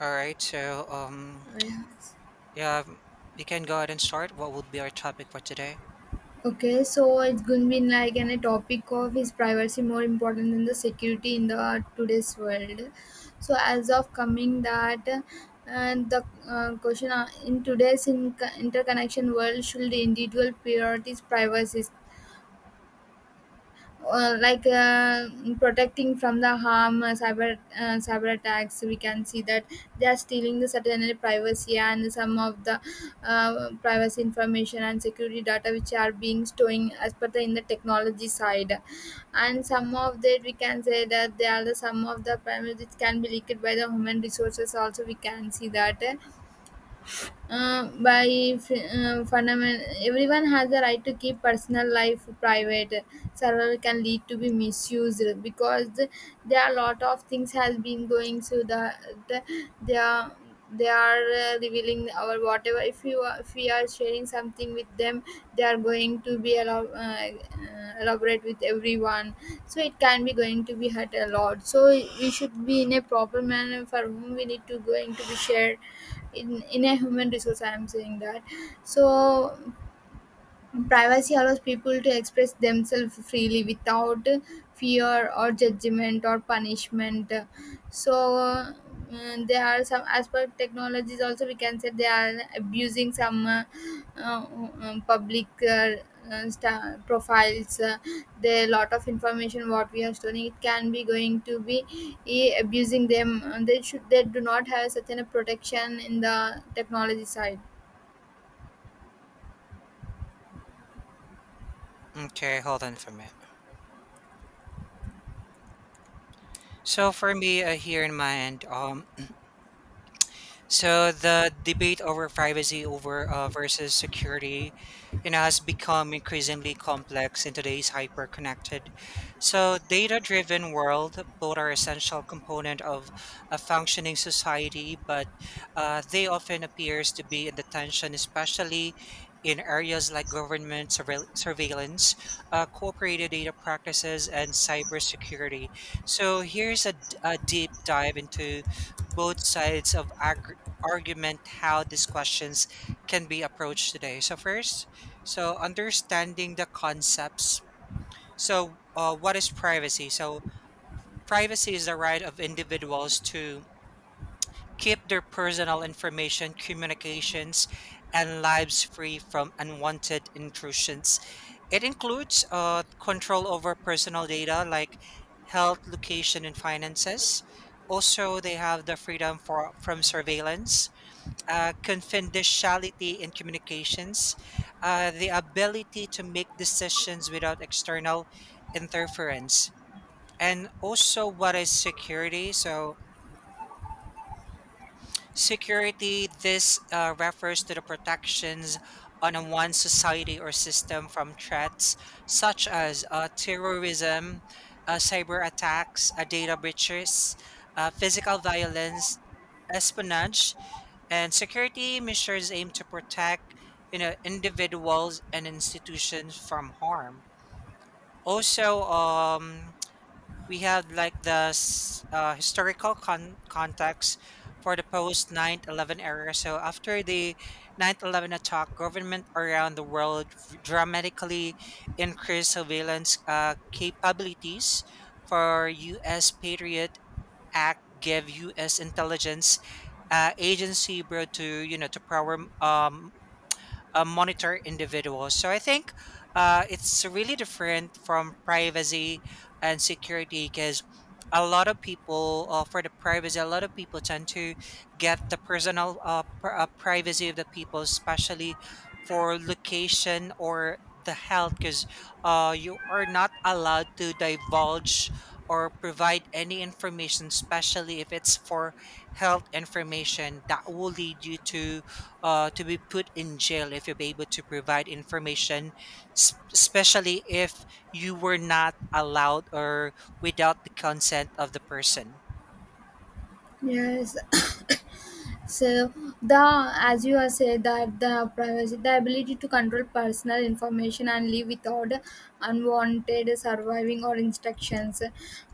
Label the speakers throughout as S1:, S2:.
S1: All right,
S2: Yes.
S1: yeah, m- we can go ahead and start. What would be our topic for today?
S2: Okay, so it's going to be like in a topic of is privacy more important than the security in the today's world. So as of coming that, and the question in today's in interconnection world, should the individual priorities privacy uh, like uh, protecting from the harm, uh, cyber attacks. We can see that they are stealing the certain privacy and some of the privacy information and security data which are being storing as per the in the technology side, and some of that we can say that they are the some of the primary which can be leaked by the human resources also. We can see that by fundamental everyone has the right to keep personal life private. Server can lead to be misused because there are a lot of things has been going. So the they are they are revealing our whatever. If you are, if we are sharing something with them, they are going to be elaborate with everyone. So it can be going to be hurt a lot, so we should be in a proper manner for whom we need to going to be shared, in a human resource I am saying that. So privacy allows people to express themselves freely without fear or judgment or punishment. So there are some aspect technologies also. We can say they are abusing some uh, public profiles. There are lot of information what we are storing. It can be going to be abusing them. They should, they do not have such an a protection in the technology side.
S1: Okay, hold on for a minute. So for me, here in my end, so the debate over privacy over versus security, you know, has become increasingly complex in today's hyper-connected, so data-driven world. Both are essential component of a functioning society, but they often appears to be in the tension, especially in areas like government surveillance, cooperative data practices, and cybersecurity. So here's a deep dive into both sides of agri argument how these questions can be approached today. So first, so understanding the concepts. So what is privacy? So privacy is the right of individuals to keep their personal information, communications, and lives free from unwanted intrusions. It includes control over personal data like health, location, and finances. Also, they have the freedom for from surveillance, confidentiality in communications, the ability to make decisions without external interference, and also what is security. So, security this refers to the protections on a one society or system from threats such as terrorism, cyber attacks, data breaches, physical violence, espionage. And security measures aim to protect, you know, individuals and institutions from harm. Also, we have like the historical context for the post 9/11 era. So after the 9/11 attack, government around the world dramatically increased surveillance capabilities for U.S. patriots Act gave U.S. intelligence agency, bro, to you know to power monitor individuals. So I think it's really different from privacy and security because a lot of people for the privacy a lot of people tend to get the personal privacy of the people especially for location or the health because you are not allowed to divulge or provide any information especially if it's for health information that will lead you to be put in jail if you'll be able to provide information, especially if you were not allowed or without the consent of the person.
S2: Yes. So, the as you have said that the privacy, the ability to control personal information and live without unwanted surviving or instructions,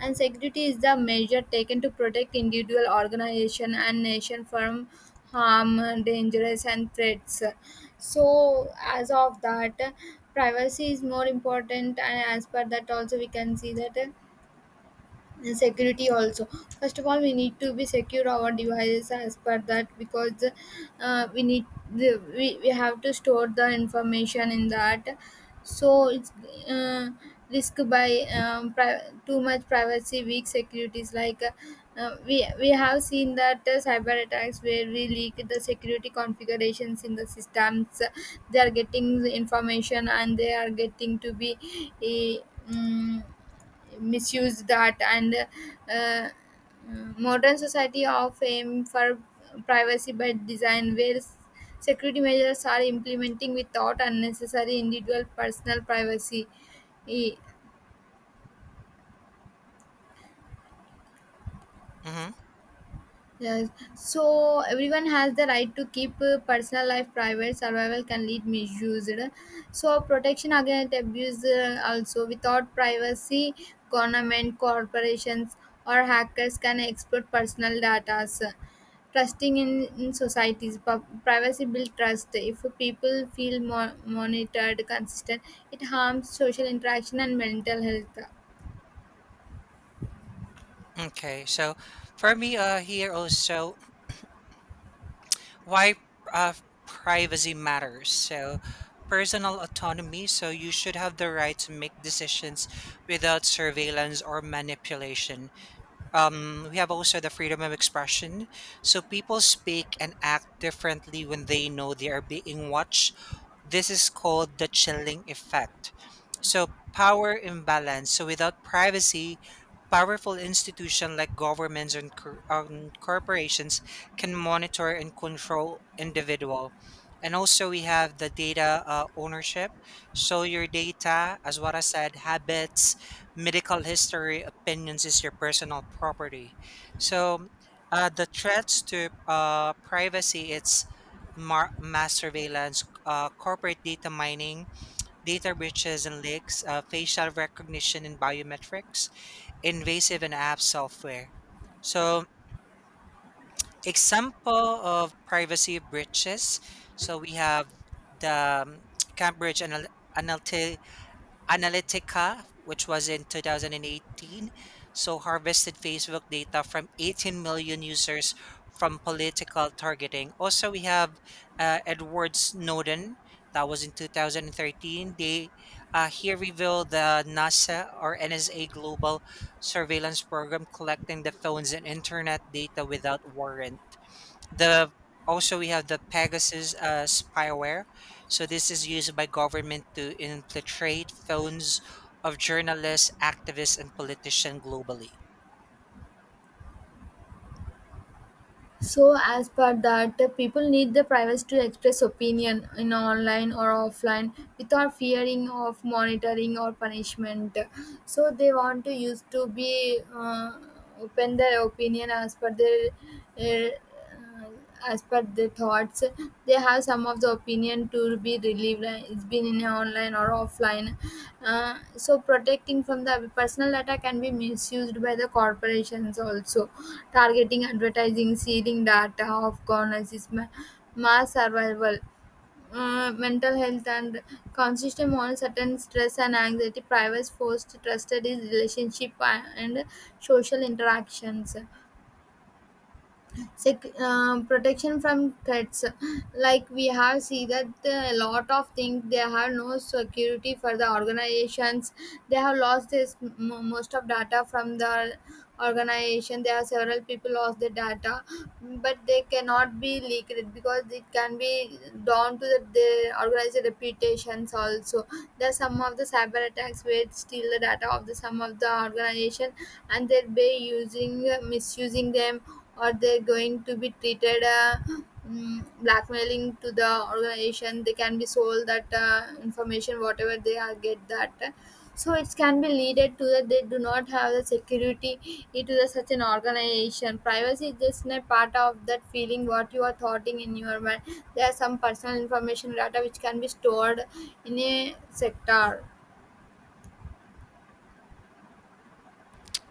S2: and security is the measure taken to protect individual, organization, and nation from harm, dangerous, and threats. So as of that, privacy is more important, and as per that also we can see that, and security also. First of all we need to be secure our devices as per that, because we need the, we have to store the information in that. So it's uh, risk by too much privacy weak securities like we have seen that cyber attacks where we leak the security configurations in the systems. They are getting the information and they are getting to be a mm, misuse that. And uh, modern society of aim for privacy by design where security measures are implementing without unnecessary individual personal privacy. E,
S1: Mm-hmm.
S2: yes. So everyone has the right to keep personal life private. Survival can lead misused. So protection against abuse, also without privacy, government, corporations, or hackers can exploit personal data. Trusting in societies, privacy builds trust. If people feel monitored, consistent, it harms social interaction and mental health.
S1: Okay, so for me, here also why uh, privacy matters. So, personal autonomy. So, you should have the right to make decisions without surveillance or manipulation. We have also the freedom of expression. So, people speak and act differently when they know they are being watched. This is called the chilling effect. So, power imbalance. So, without privacy, powerful institutions like governments and corporations can monitor and control individual. And also, we have the data ownership. So your data, as what I said, habits, medical history, opinions is your personal property. So the threats to privacy, it's mass surveillance, corporate data mining, data breaches and leaks, facial recognition and biometrics, invasive and app software. So example of privacy breaches. So we have the Cambridge Analytica, which was in 2018, so harvested Facebook data from 18 million users from political targeting. Also, we have Edward Snowden. That was in 2013. They here revealed the NASA or NSA global surveillance program collecting the phones and internet data without warrant. The also we have the Pegasus spyware. So this is used by government to infiltrate phones of journalists, activists, and politicians globally.
S2: So, as per that, the people need the privacy to express opinion in online or offline without fearing of monitoring or punishment. So, they want to use to be open their opinion as per their uh, uh, as per the thoughts. They have some of the opinion to be relieved, it's been in online or offline. So protecting from the personal data can be misused by the corporations also, targeting advertising seeding data of governance, mass survival, mental health and consistent uncertain stress and anxiety. Privacy forced trusted is relationship and social interactions. Protection from threats. Like we have seen that a lot of things they have no security for the organizations. They have lost this mo most of data from the organization. There are several people lost their data, but they cannot be leaked because it can be down to the organized reputations also. There are some of the cyber attacks where it steal the data of the some of the organization, and they'll be using misusing them, or they're going to be treated, blackmailing to the organization. They can be sold that information whatever they are get that. So it can be leaded to that they do not have the security into the such an organization. Privacy is just a part of that feeling what you are thoughting in your mind. There are some personal information data which can be stored in a sector.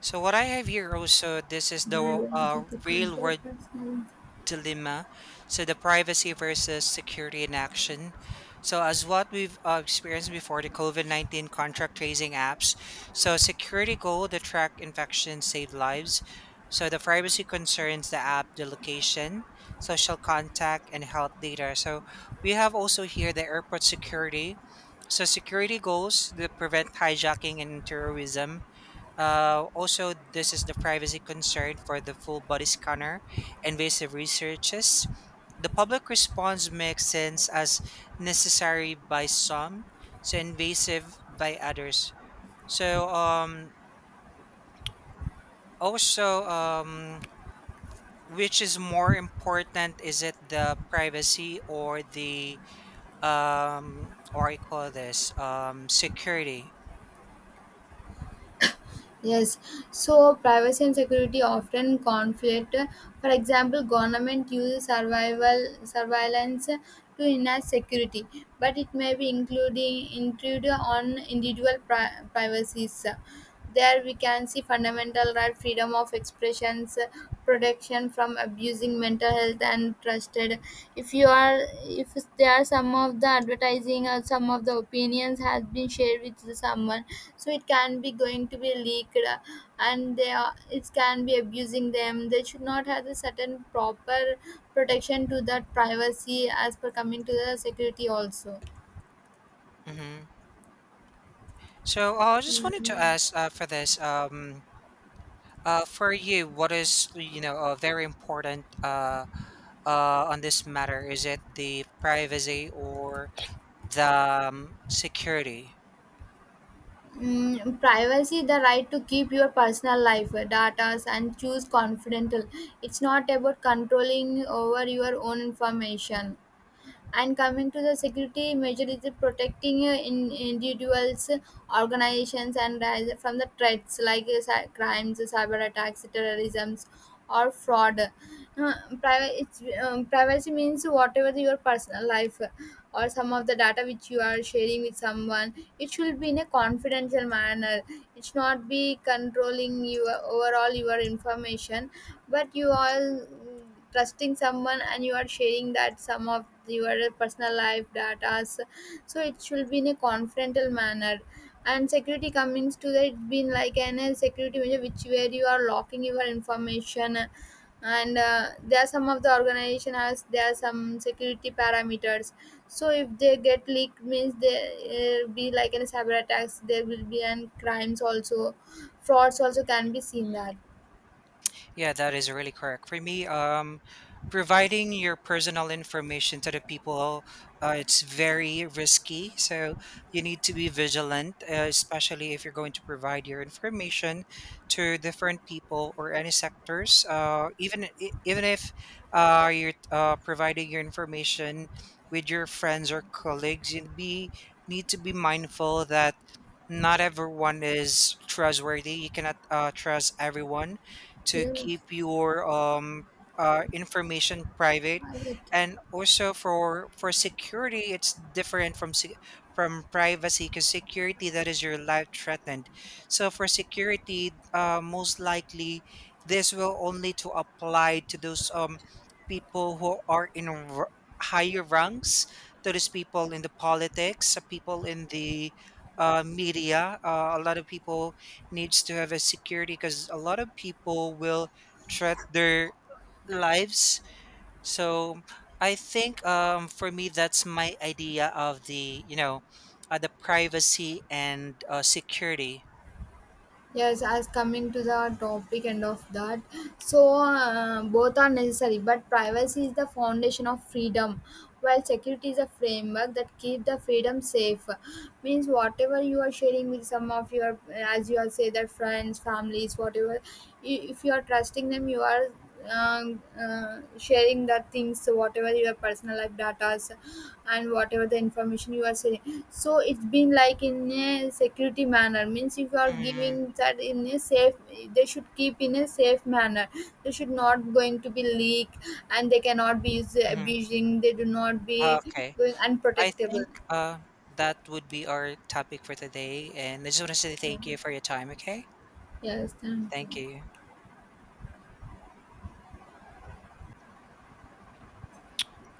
S1: So what I have here also, this is the
S2: Liability to
S1: real
S2: control
S1: world
S2: personal.
S1: dilemma. So the privacy versus security in action. So as what we've experienced before, the COVID-19 contract tracing apps. So security goal, the track infections save lives. So the privacy concerns the app, the location, social contact, and health data. So we have also here the airport security. So security goals, the prevent hijacking and terrorism. Also, this is the privacy concern for the full body scanner. Invasive researches. The public response makes sense as necessary by some, so invasive by others. So, also, which is more important? Is it the privacy or the or I call this security?
S2: Yes, so privacy and security often conflict. For example, government uses survival surveillance to enhance security, but it may be including intrude on individual privacies. There we can see fundamental right, freedom of expressions, protection from abusing mental health and trusted. If you are, if there are some of the advertising or some of the opinions has been shared with the someone, so it can be going to be leaked, and they are, it can be abusing them. They should not have a certain proper protection to that privacy as per coming to the security also.
S1: Mm-hmm. So I just wanted to
S2: Mm.
S1: ask for this for you, what is you know very important on this matter? Is it the privacy or the security?
S2: Mm, privacy the right to keep your personal life data and choose confidential. It's not about controlling over your own information. And coming to the security measure is protecting in individuals, organizations and rise from the threats like crimes, cyber attacks, terrorism, or fraud. Privacy means whatever your personal life or some of the data which you are sharing with someone, it should be in a confidential manner. It should not be controlling your overall your information. But you all, mm, trusting someone and you are sharing that some of your personal life data, so it should be in a confidential manner. And security comes to that, it's been like an a security measure which where you are locking your information. And there are some of the organization has, there are some security parameters. So if they get leaked means there be like in cyber attacks, there will be and crimes also, frauds also can be seen that.
S1: Yeah, that is really correct. For me, providing your personal information to the people, it's very risky. So you need to be vigilant, especially if you're going to provide your information to different people or any sectors. Even if you're providing your information with your friends or colleagues, you be need to be mindful that not everyone is trustworthy. You cannot trust everyone to
S2: Yeah.
S1: keep your information private,
S2: Right.
S1: and also for security, it's different from from privacy because security that is your life threatened. So for security, most likely this will only to apply to those people who are in higher ranks. To those people in the politics, people in the media. A lot of people needs to have a security because a lot of people will threat their lives. So I think for me, that's my idea of the, you know, the privacy and security.
S2: Yes, as coming to the topic and of that, so both are necessary, but privacy is the foundation of freedom, while security is a framework that keeps the freedom safe. Means whatever you are sharing with some of your, as you are say, that friends, families, whatever, if you are trusting them, you are um, sharing the things, so whatever your personal life datas and whatever the information you are sharing, so it's been like in a security manner. Means if you are giving
S1: Mm,
S2: that in a safe, they should keep in a safe manner. They should not going to be leak, and they cannot be used
S1: mhm.
S2: abusing. They do not be
S1: Okay.
S2: going
S1: I
S2: unprotectable.
S1: think that would be our topic for today. And I just want to say thank you for your time. Okay.
S2: Yes, thank
S1: Thank
S2: you.
S1: you.